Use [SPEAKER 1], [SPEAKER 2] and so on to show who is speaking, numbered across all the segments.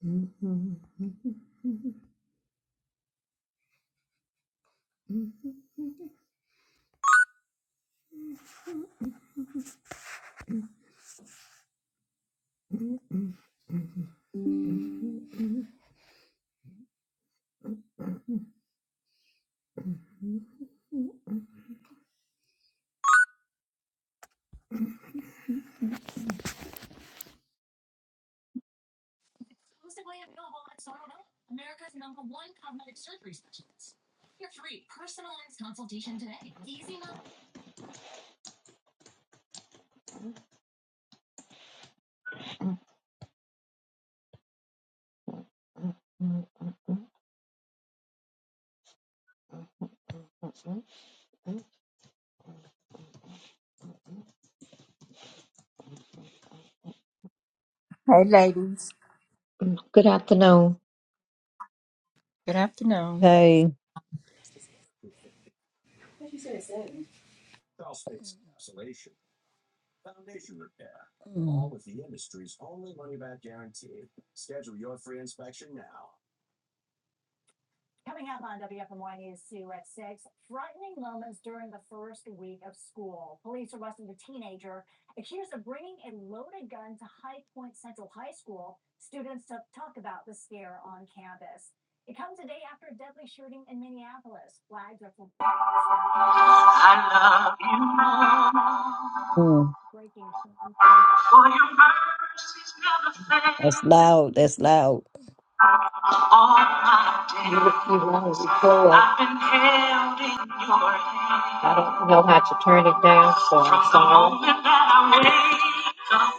[SPEAKER 1] Good
[SPEAKER 2] Hey, ladies.
[SPEAKER 1] afternoon.
[SPEAKER 2] Good afternoon.
[SPEAKER 3] Waterproofing, crawl space encapsulation, foundation repair—all all with the industry's only money-back guarantee. Schedule your free inspection now
[SPEAKER 1] I love you, Lord, for your mercies never fail. All my days, you you want us to go up. I've been held in your hand. I don't know how to turn it down, so I'm From the sorry. moment that I wake up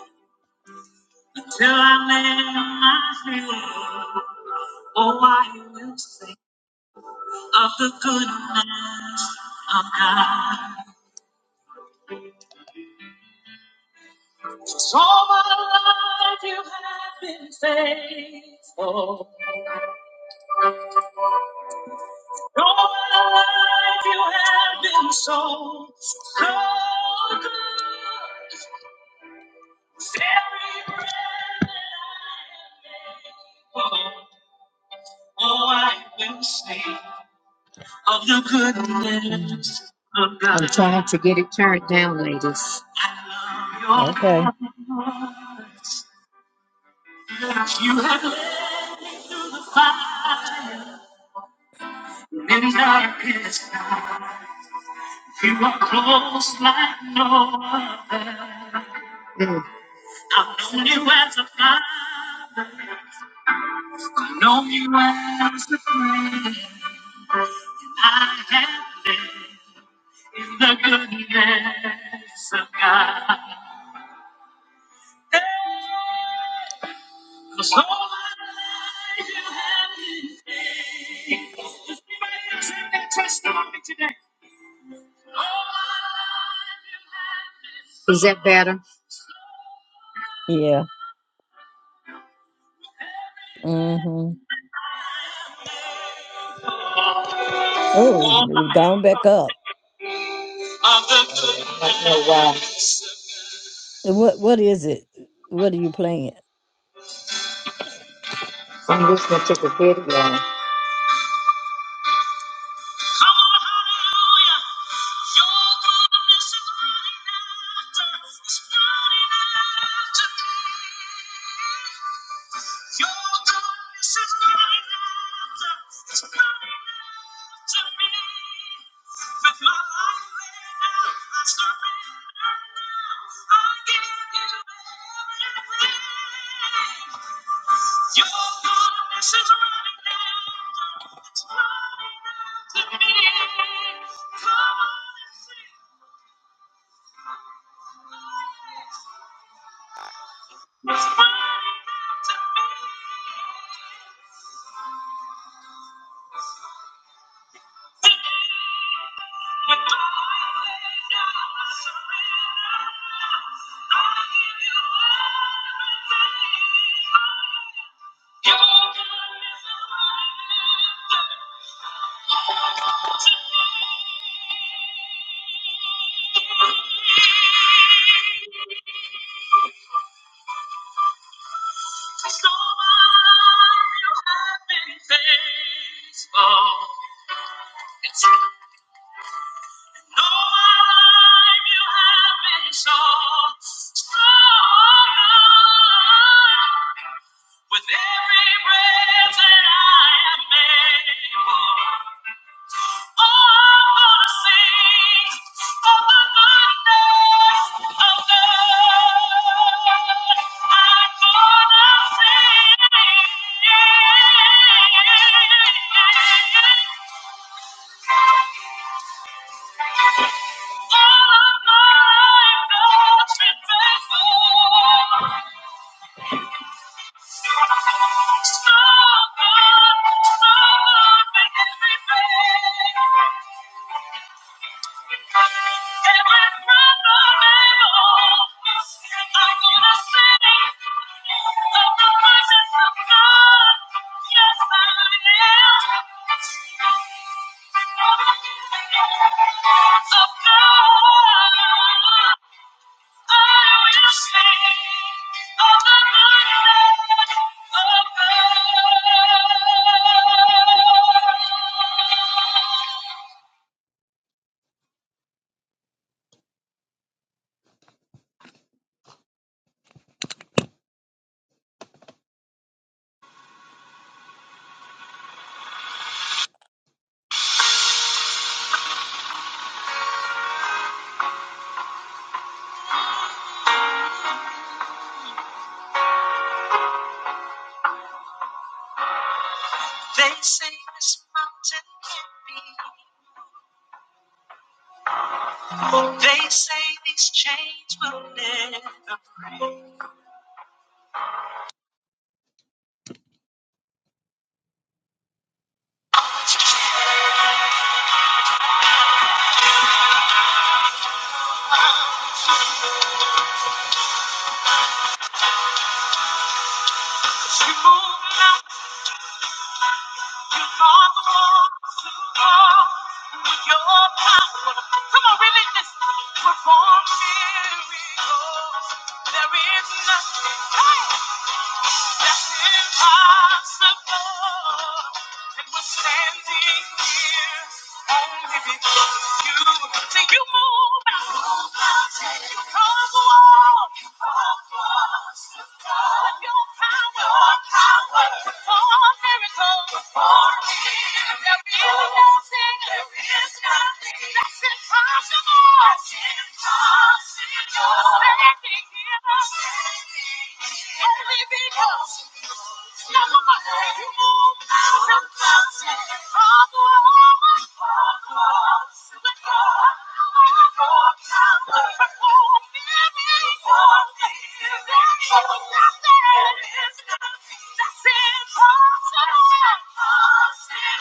[SPEAKER 1] Till I lay my head, oh, I will sing of the goodness of God. So my life you have been faithful. All my life you have been so, so good. Every breath that I am able, oh, I will sing. of the goodness of God. I'm trying to get it turned down, ladies. I love your voice. You have lit the fire in darkest night. You are close like no other. Mm. I've known you as a father. I've known you as a friend. I have lived in the goodness of God. That's all I have. Is anybody else have that testimony today? Is that better? All I have of the good I don't know why. I'm listening to the video. Come on, hallelujah. Your goodness is running after. It's running after me. Your grace is not enough. It's not enough to me. With my life laid down, I surrender now. I give you everything. Your goodness is running down. It's running out to me. Come on and sing. It's running out to me. With my life laid down, I surrender. Your goodness is running so wide. You have been faithful. No life you have shown stronger. With every breath that I am able, Thank you. They say this mountain can't be They say these chains will never break. 'Cause You move mountains, you cause the walls to fall. With your power, come on, release this. Perform miracles. There is nothing. Hey! That's impossible. And we're standing here only because of you. See, you move mountains, you cause walls, you cause walls to fall. With your power, your power, perform miracles, perform miracles. There is no that's impossible.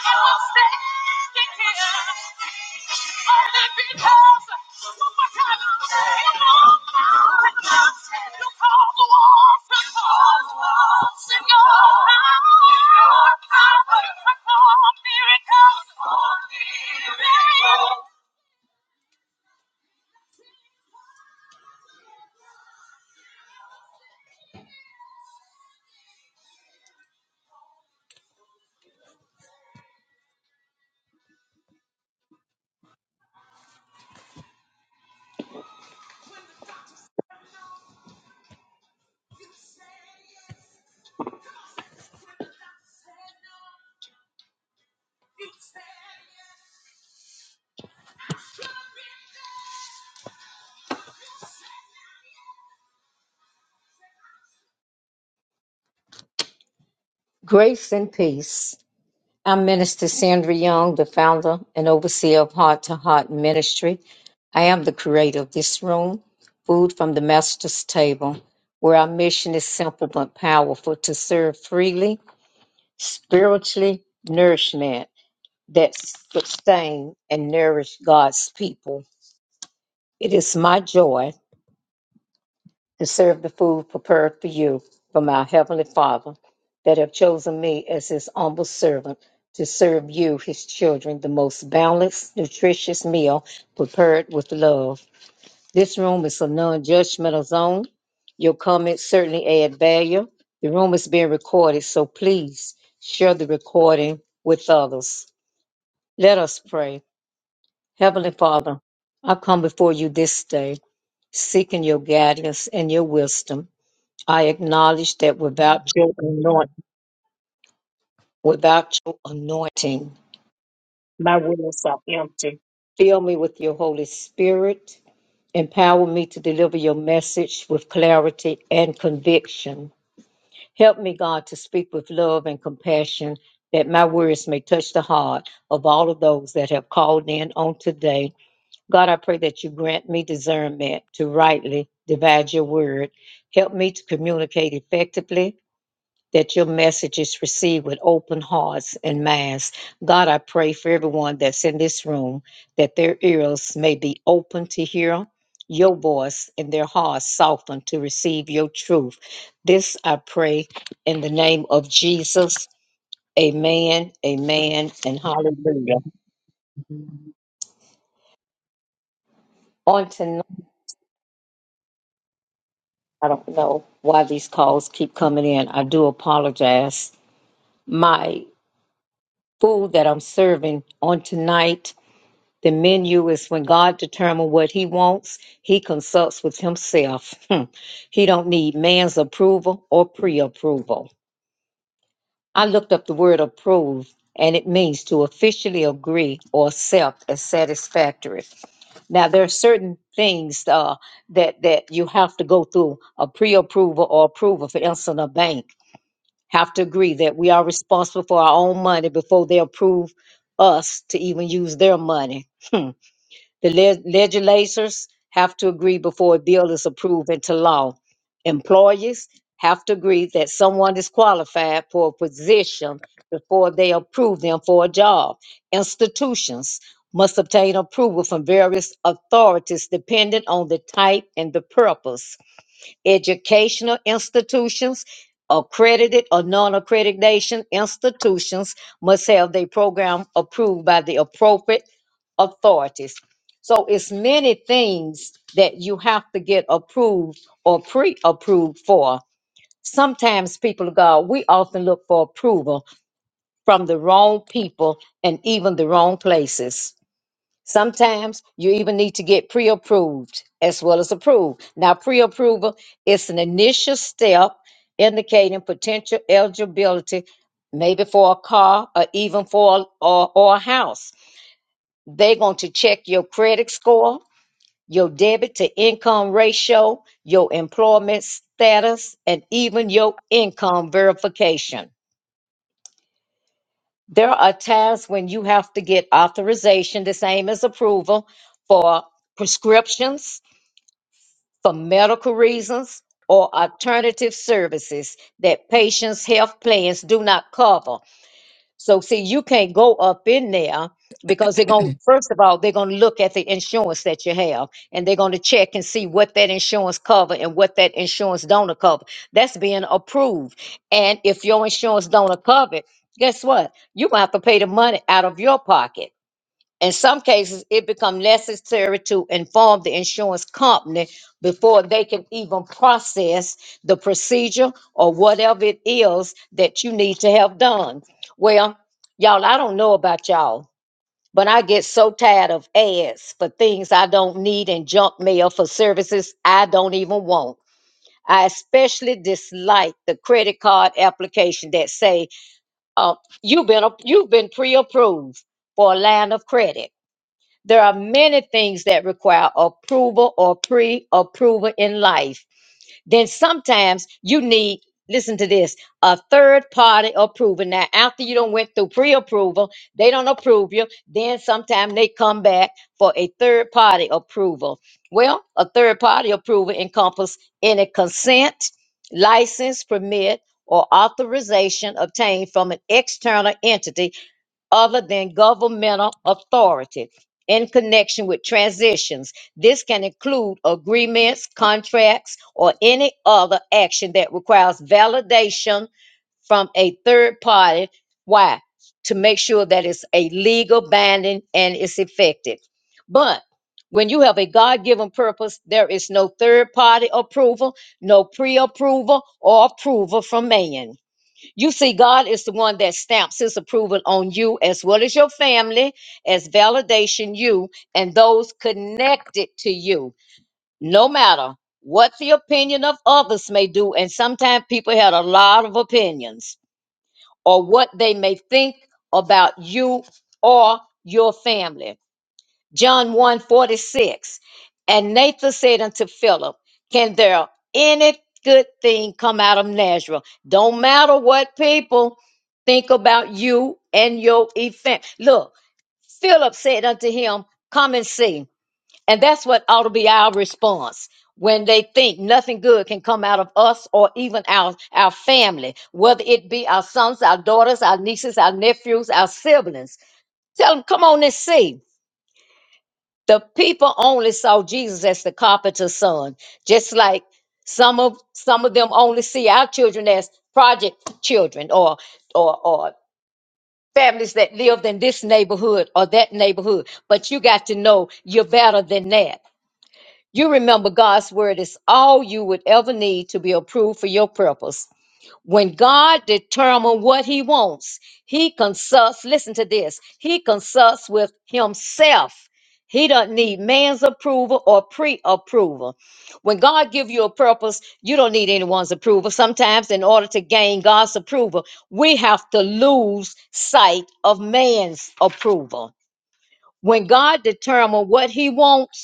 [SPEAKER 1] Grace and peace. I'm Minister Sandra Young, the founder and overseer of Heart to Heart Ministry. I am the creator of this room, Food from the Master's Table, where our mission is simple but powerful to serve freely, spiritually nourishment that sustain and nourish God's people. It is my joy and serve the food prepared for you by my heavenly Father, that have chosen me as his humble servant to serve you, his children, the most balanced, nutritious meal prepared with love. This room is a non judgmental zone. Your comments certainly add value. The room is being recorded, so please share the recording with others. Let us pray. Heavenly Father, I come before you this day, seeking your guidance and your wisdom. I acknowledge that without your anointing, without your anointing, fill me with your Holy Spirit. Empower me to deliver your message with clarity and conviction. Help me, God, to speak with love and compassion that my words may touch the heart of all of those that have called in on today. God, I pray that you grant me discernment to rightly divide your word. Help me to communicate effectively that your message is received with open hearts and minds. God, I pray for everyone that's in this room that their ears may be open to hear your voice and their hearts softened to receive your truth. This I pray in the name of Jesus. Amen, amen, and hallelujah. On tonight, I don't know why these calls keep coming in. I do apologize. My food that I'm serving on tonight The menu is when God determines what he wants, he consults with himself. Hmm. he don't need man's approval or pre-approval. I looked up the word approve and it means to officially agree or accept as satisfactory. Now there are certain things uh, that that you have to go through a pre-approval or approval. For instance, a bank have to agree that we are responsible for our own money before they approve us to even use their money. The leg- legislators have to agree before a bill is approved into law. Employers have to agree that someone is qualified for a position before they approve them for a job. Institutions must obtain approval from various authorities dependent on the type and the purpose educational institutions, accredited or non-accreditation institutions must have their program approved by the appropriate authorities. So it's many things that you have to get approved or pre-approved for. Sometimes people of God, we often look for approval from the wrong people and even the wrong places. Sometimes you even need to get pre approved as well as approved. Now, pre approval is an initial step indicating potential eligibility, maybe for a car or even for a, or, or a house. They're going to check your credit score, your debit to income ratio, your employment status, and even your income verification. There are times when you have to get authorization, the same as approval, for prescriptions for medical reasons or alternative services that patients' health plans do not cover. So, see, you can't go up in there because they're going, to first of all, they're going to look at the insurance that you have and they're going to check and see what that insurance cover and what that insurance donor cover. That's being approved. And if your insurance donor cover it, guess what? You're going to have to pay the money out of your pocket. In some cases, it becomes necessary to inform the insurance company before they can even process the procedure or whatever it is that you need to have done. Well, y'all, I don't know about y'all, but I get so tired of ads for things I don't need and junk mail for services I don't even want. I especially dislike the credit card application that say, uh, you've been, you've been pre-approved for a line of credit there are many things that require approval or pre approval in life. Then sometimes you need, listen to this, a third party approval. Now, after you don't went through pre approval, they don't approve you. Then sometime they come back for a third party approval. Well, a third party approval encompasses any consent, license, permit, or authorization obtained from an external entity other than governmental authority in connection with transitions. This can include agreements, contracts, or any other action that requires validation from a third party. Why? To make sure that it's a legal binding and it's effective. But when you have a God given purpose, there is no third party approval, no pre approval or approval from man. You see, God is the one that stamps his approval on you as well as your family, as validation you and those connected to you, no matter what the opinion of others may do. And sometimes people had a lot of opinions or what they may think about you or your family. John one 46, And Nathan said unto Philip, Can there any good thing come out of Nazareth? Don't matter what people think about you and your event. Look, Philip said unto him, Come and see. And that's what ought to be our response when they think nothing good can come out of us or even our, our family, whether it be our sons, our daughters, our nieces, our nephews, our siblings. Tell them, Come on and see. The people only saw Jesus as the carpenter's son, just like some of some of them only see our children as project children or or or families that lived in this neighborhood or that neighborhood. But you got to know you're better than that. You remember God's word is all you would ever need to be approved for your purpose. When God determines what he wants, he consults, listen to this, he consults with himself. He doesn't need man's approval or pre-approval. When God give you a purpose, you don't need anyone's approval. Sometimes in order to gain God's approval, we have to lose sight of man's approval. When God determines what he wants,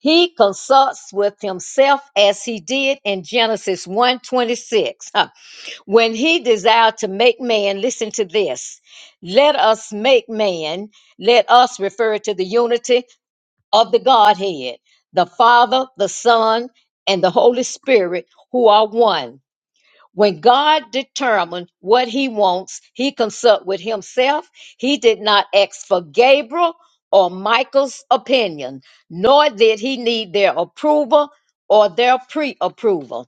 [SPEAKER 1] he consults with himself as he did in Genesis one twenty six, Huh. When he desired to make man, listen to this. Let us make man, let us refer to the unity of the Godhead, the Father, the Son, and the Holy Spirit, who are one. When God determined what he wants, he consult with himself. He did not ask for Gabriel or Michael's opinion, nor did he need their approval or their pre-approval.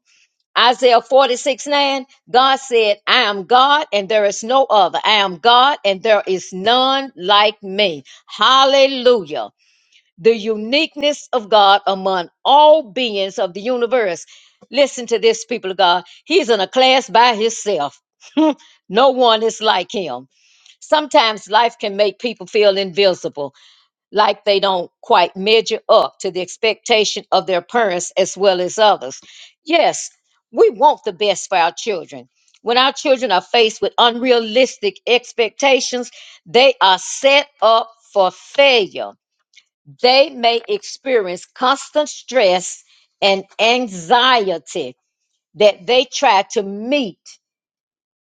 [SPEAKER 1] Isaiah 46, 9, God said, I am God and there is no other. I am God and there is none like me. Hallelujah the uniqueness of God among all beings of the universe. Listen to this, people of God. He's in a class by himself. no one is like him. Sometimes life can make people feel invisible, like they don't quite measure up to the expectation of their parents as well as others. Yes, we want the best for our children. When our children are faced with unrealistic expectations, they are set up for failure they may experience constant stress and anxiety that they try to meet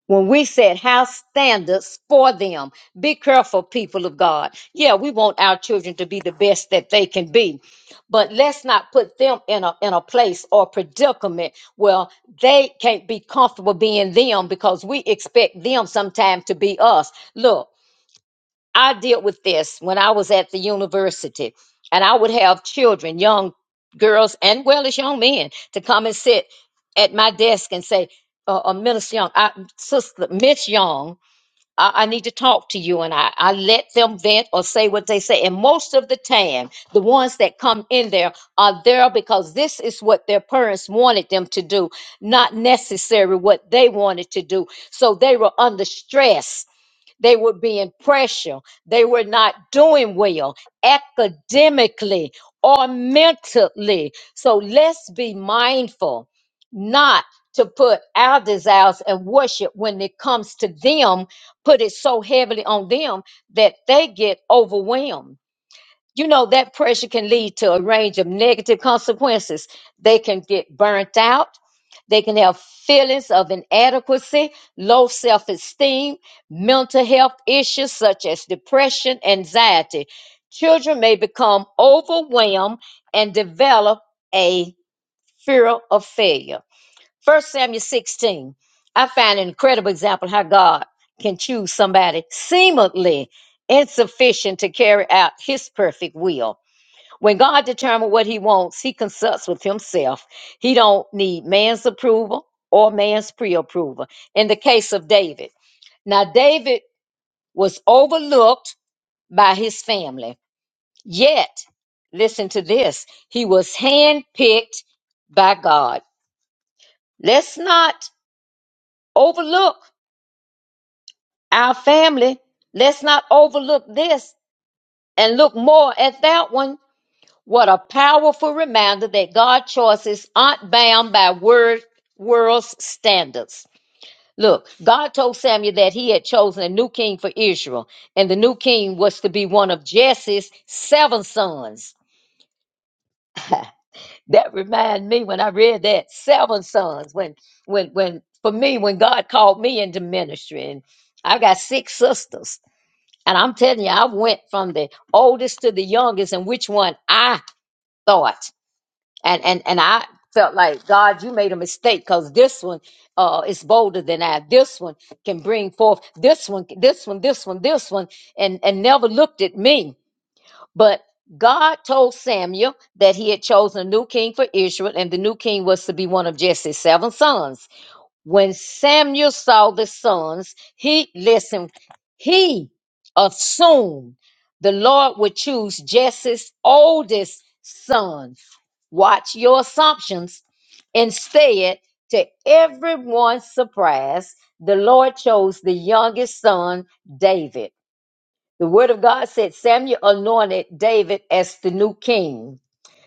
[SPEAKER 1] when we set house standards for them. Be careful, people of God. Yeah, we want our children to be the best that they can be, but let's not put them in a, in a place or predicament where they can't be comfortable being them because we expect them sometimes to be us. Look, I dealt with this when I was at the university, and I would have children, young girls, and well as young men, to come and sit at my desk and say, uh, uh, Miss Young, I, Sister Miss Young, I, I need to talk to you. And I, I let them vent or say what they say. And most of the time, the ones that come in there are there because this is what their parents wanted them to do, not necessarily what they wanted to do. So they were under stress they were being pressured. They were not doing well academically or mentally. So let's be mindful not to put our desires and worship when it comes to them, put it so heavily on them that they get overwhelmed you know that pressure can lead to a range of negative consequences they can get burnt out they can have feelings of inadequacy low self-esteem mental health issues such as depression anxiety children may become overwhelmed and develop a fear of failure First samuel 16 i find an incredible example how god can choose somebody seemingly insufficient to carry out his perfect will when God determines what he wants, he consults with himself. He don't need man's approval or man's pre-approval. In the case of David. Now David was overlooked by his family. Yet, listen to this, he was handpicked by God. Let's not overlook our family. Let's not overlook this and look more at that one What a powerful reminder that God's choices aren't bound by word, world's standards. Look, God told Samuel that he had chosen a new king for Israel, and the new king was to be one of Jesse's seven sons. That reminded me when I read that seven sons. When, when, when, for me, when God called me into ministry, and I've got six sisters, and I'm telling you, I went from the oldest to the youngest, and which one I thought. and and and I felt like God, you made a mistake because this one uh is bolder than I. This one can bring forth this one, this one, this one, this one, and and never looked at me. But God told Samuel that he had chosen a new king for Israel, and the new king was to be one of Jesse's seven sons. When Samuel saw the sons, he listened, he assumed the Lord would choose Jesse's oldest son. Watch your assumptions. Instead, to everyone's surprise, the Lord chose the youngest son, David. The word of God said Samuel anointed David as the new king.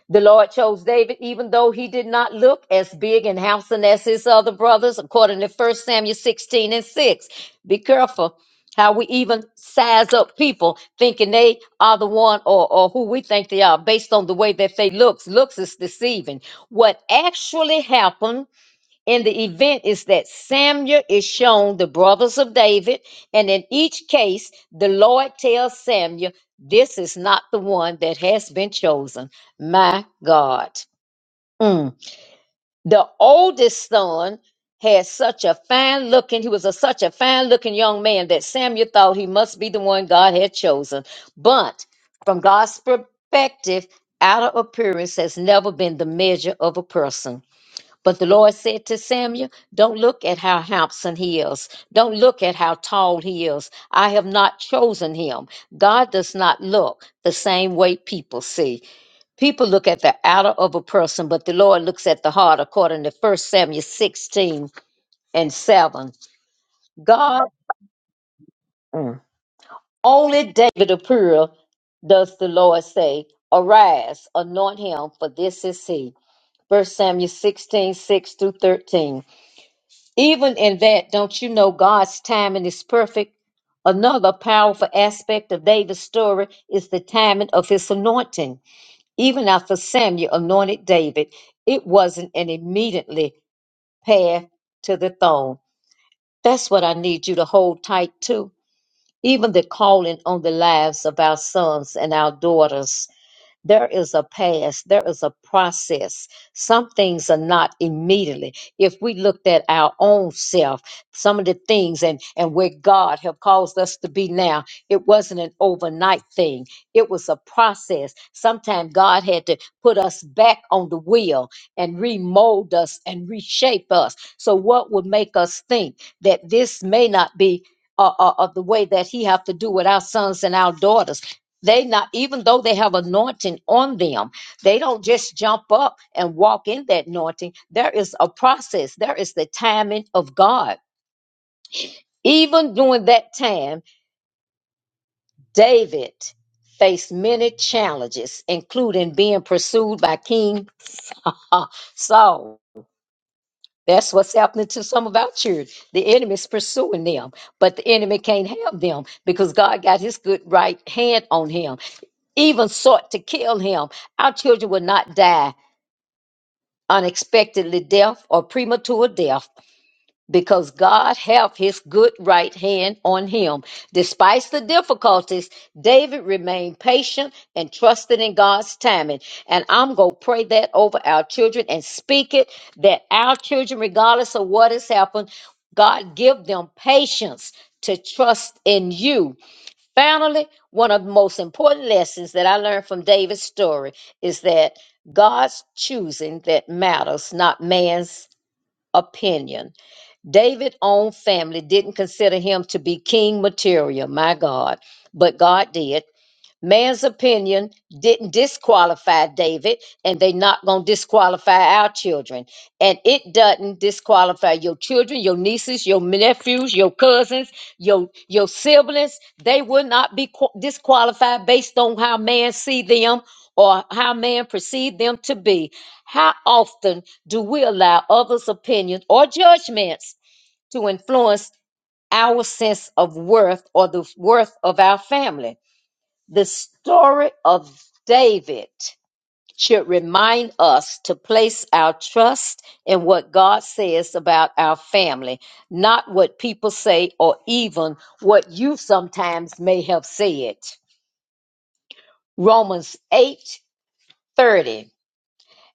[SPEAKER 1] The Lord chose David, even though he did not look as big and handsome as his other brothers, according to First Samuel 16 and 6. Be careful how we even size up people, thinking they are the one or, or who we think they are based on the way that they looks. Looks is deceiving. What actually happened in the event is that Samuel is shown the brothers of David, and in each case, the Lord tells Samuel, This is not the one that has been chosen. My God. Mm. The oldest son had such a fine looking, he was a, such a fine looking young man that Samuel thought he must be the one God had chosen. But from God's perspective, outer appearance has never been the measure of a person. But the Lord said to Samuel, Don't look at how handsome he is. Don't look at how tall he is. I have not chosen him. God does not look the same way people see. People look at the outer of a person, but the Lord looks at the heart, according to First Samuel 16 and 7. God, Mm. only David of Pura does the Lord say, Arise, anoint him, for this is he. First Samuel 16:6 through 13. Even in that, don't you know God's timing is perfect? Another powerful aspect of David's story is the timing of his anointing. Even after Samuel anointed David, it wasn't an immediately path to the throne. That's what I need you to hold tight to. Even the calling on the lives of our sons and our daughters. There is a past, there is a process. Some things are not immediately. If we looked at our own self, some of the things and, and where God have caused us to be now, it wasn't an overnight thing. It was a process. Sometimes God had to put us back on the wheel and remold us and reshape us. So what would make us think that this may not be uh, uh, of the way that he have to do with our sons and our daughters they not, even though they have anointing on them, they don't just jump up and walk in that anointing. There is a process, there is the timing of God. Even during that time, David faced many challenges, including being pursued by King uh, Saul. That's what's happening to some of our children. The enemy's pursuing them, but the enemy can't have them because God got his good right hand on him. Even sought to kill him. Our children will not die unexpectedly death or premature death because God have his good right hand on him. Despite the difficulties, David remained patient and trusted in God's timing. And I'm going to pray that over our children and speak it that our children, regardless of what has happened, God give them patience to trust in you Finally, one of the most important lessons that I learned from David's story is that God's choosing that matters, not man's opinion. David's own family didn't consider him to be king material, my God, but God did. Man's opinion didn't disqualify David, and they're not going to disqualify our children. And it doesn't disqualify your children, your nieces, your nephews, your cousins, your your siblings. They will not be qu- disqualified based on how man see them or how man perceive them to be. How often do we allow others' opinions or judgments to influence our sense of worth or the worth of our family? The story of David should remind us to place our trust in what God says about our family, not what people say or even what you sometimes may have said. Romans eight thirty.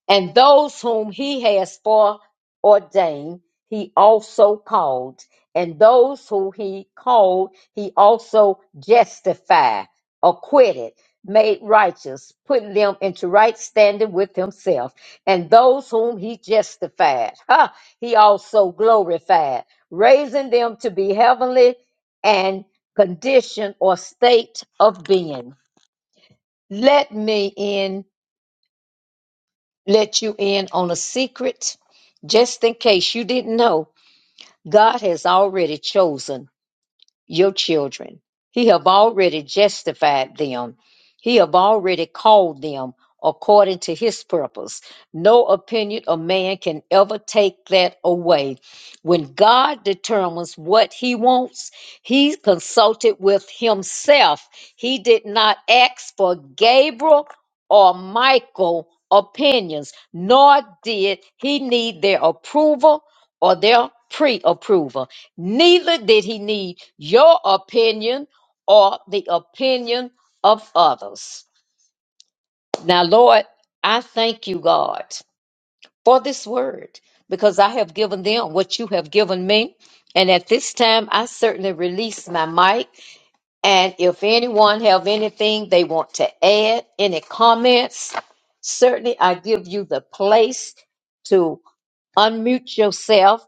[SPEAKER 1] And those whom he has foreordained, he also called. And those who he called, he also justified, acquitted, made righteous, putting them into right standing with himself. And those whom he justified, ha, he also glorified, raising them to be heavenly and condition or state of being. Let me end let you in on a secret. Just in case you didn't know, God has already chosen your children. He have already justified them. He have already called them according to his purpose. No opinion of man can ever take that away. When God determines what he wants, he consulted with himself. He did not ask for Gabriel or Michael opinions, nor did he need their approval or their pre-approval. Neither did he need your opinion or the opinion of others. Now, Lord, I thank you, God, for this word because I have given them what you have given me. And at this time, I certainly release my mic. And if anyone have anything they want to add, any comments, certainly I give you the place to unmute yourself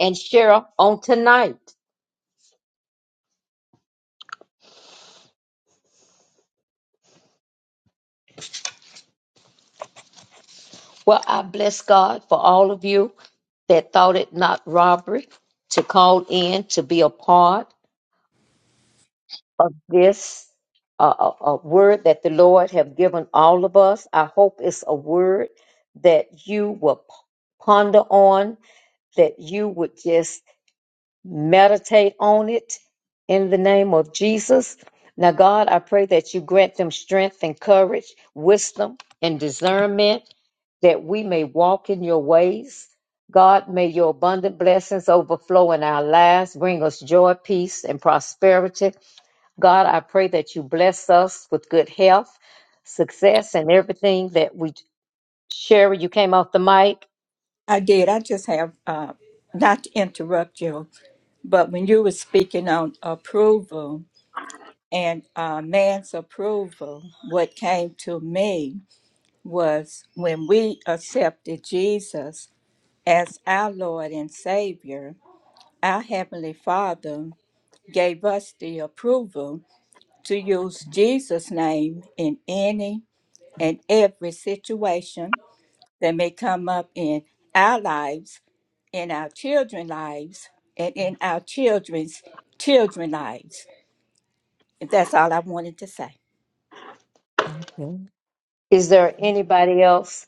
[SPEAKER 1] and share on tonight. Well, I bless God for all of you that thought it not robbery to call in to be a part of this uh, uh, uh, word that the Lord have given all of us. I hope it's a word that you will p- ponder on, that you would just meditate on it in the name of Jesus. Now, God, I pray that you grant them strength and courage, wisdom and discernment, that we may walk in your ways. God, may your abundant blessings overflow in our lives, bring us joy, peace, and prosperity. God, I pray that you bless us with good health, success, and everything that we share. You came off the mic.
[SPEAKER 2] I did. I just have, uh, not to interrupt you, but when you were speaking on approval and uh, man's approval, what came to me was when we accepted Jesus as our Lord and Savior, our Heavenly Father gave us the approval to use Jesus' name in any and every situation that may come up in our lives in our children's lives and in our children's children's lives. And that's all I wanted to say.
[SPEAKER 1] Is there anybody else?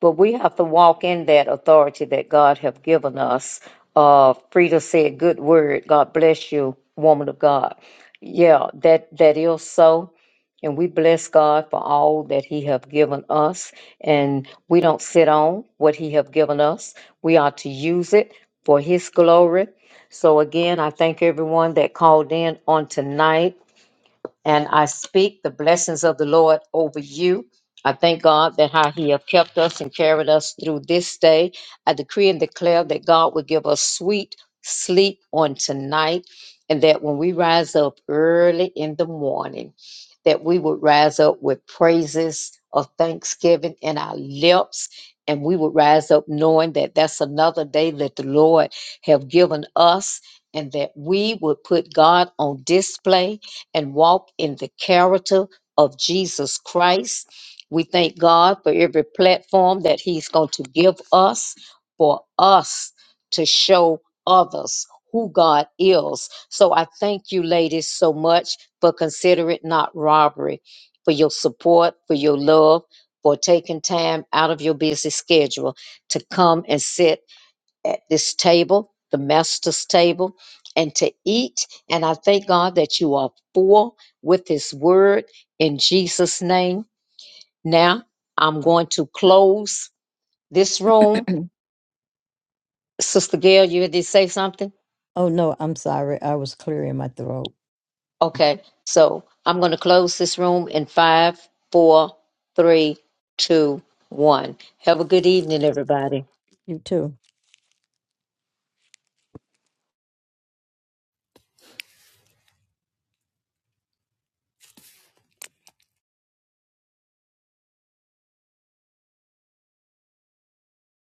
[SPEAKER 1] But we have to walk in that authority that God have given us. Uh, Frida said, "Good word. God bless you, woman of God." Yeah, that that is so, and we bless God for all that He have given us, and we don't sit on what He have given us. We are to use it for His glory. So again, I thank everyone that called in on tonight and I speak the blessings of the Lord over you. I thank God that how He have kept us and carried us through this day. I decree and declare that God will give us sweet sleep on tonight, and that when we rise up early in the morning, that we would rise up with praises of thanksgiving in our lips. And we would rise up knowing that that's another day that the Lord have given us, and that we would put God on display and walk in the character of Jesus Christ. We thank God for every platform that He's going to give us for us to show others who God is. So I thank you, ladies, so much for consider it not robbery, for your support, for your love, for taking time out of your busy schedule to come and sit at this table, the master's table, and to eat. And I thank God that you are full with his word in Jesus' name. Now I'm going to close this room. Sister Gail, you ready to say something? Okay. So I'm going to close this room in five, four, three, two, one. Have a good evening, everybody.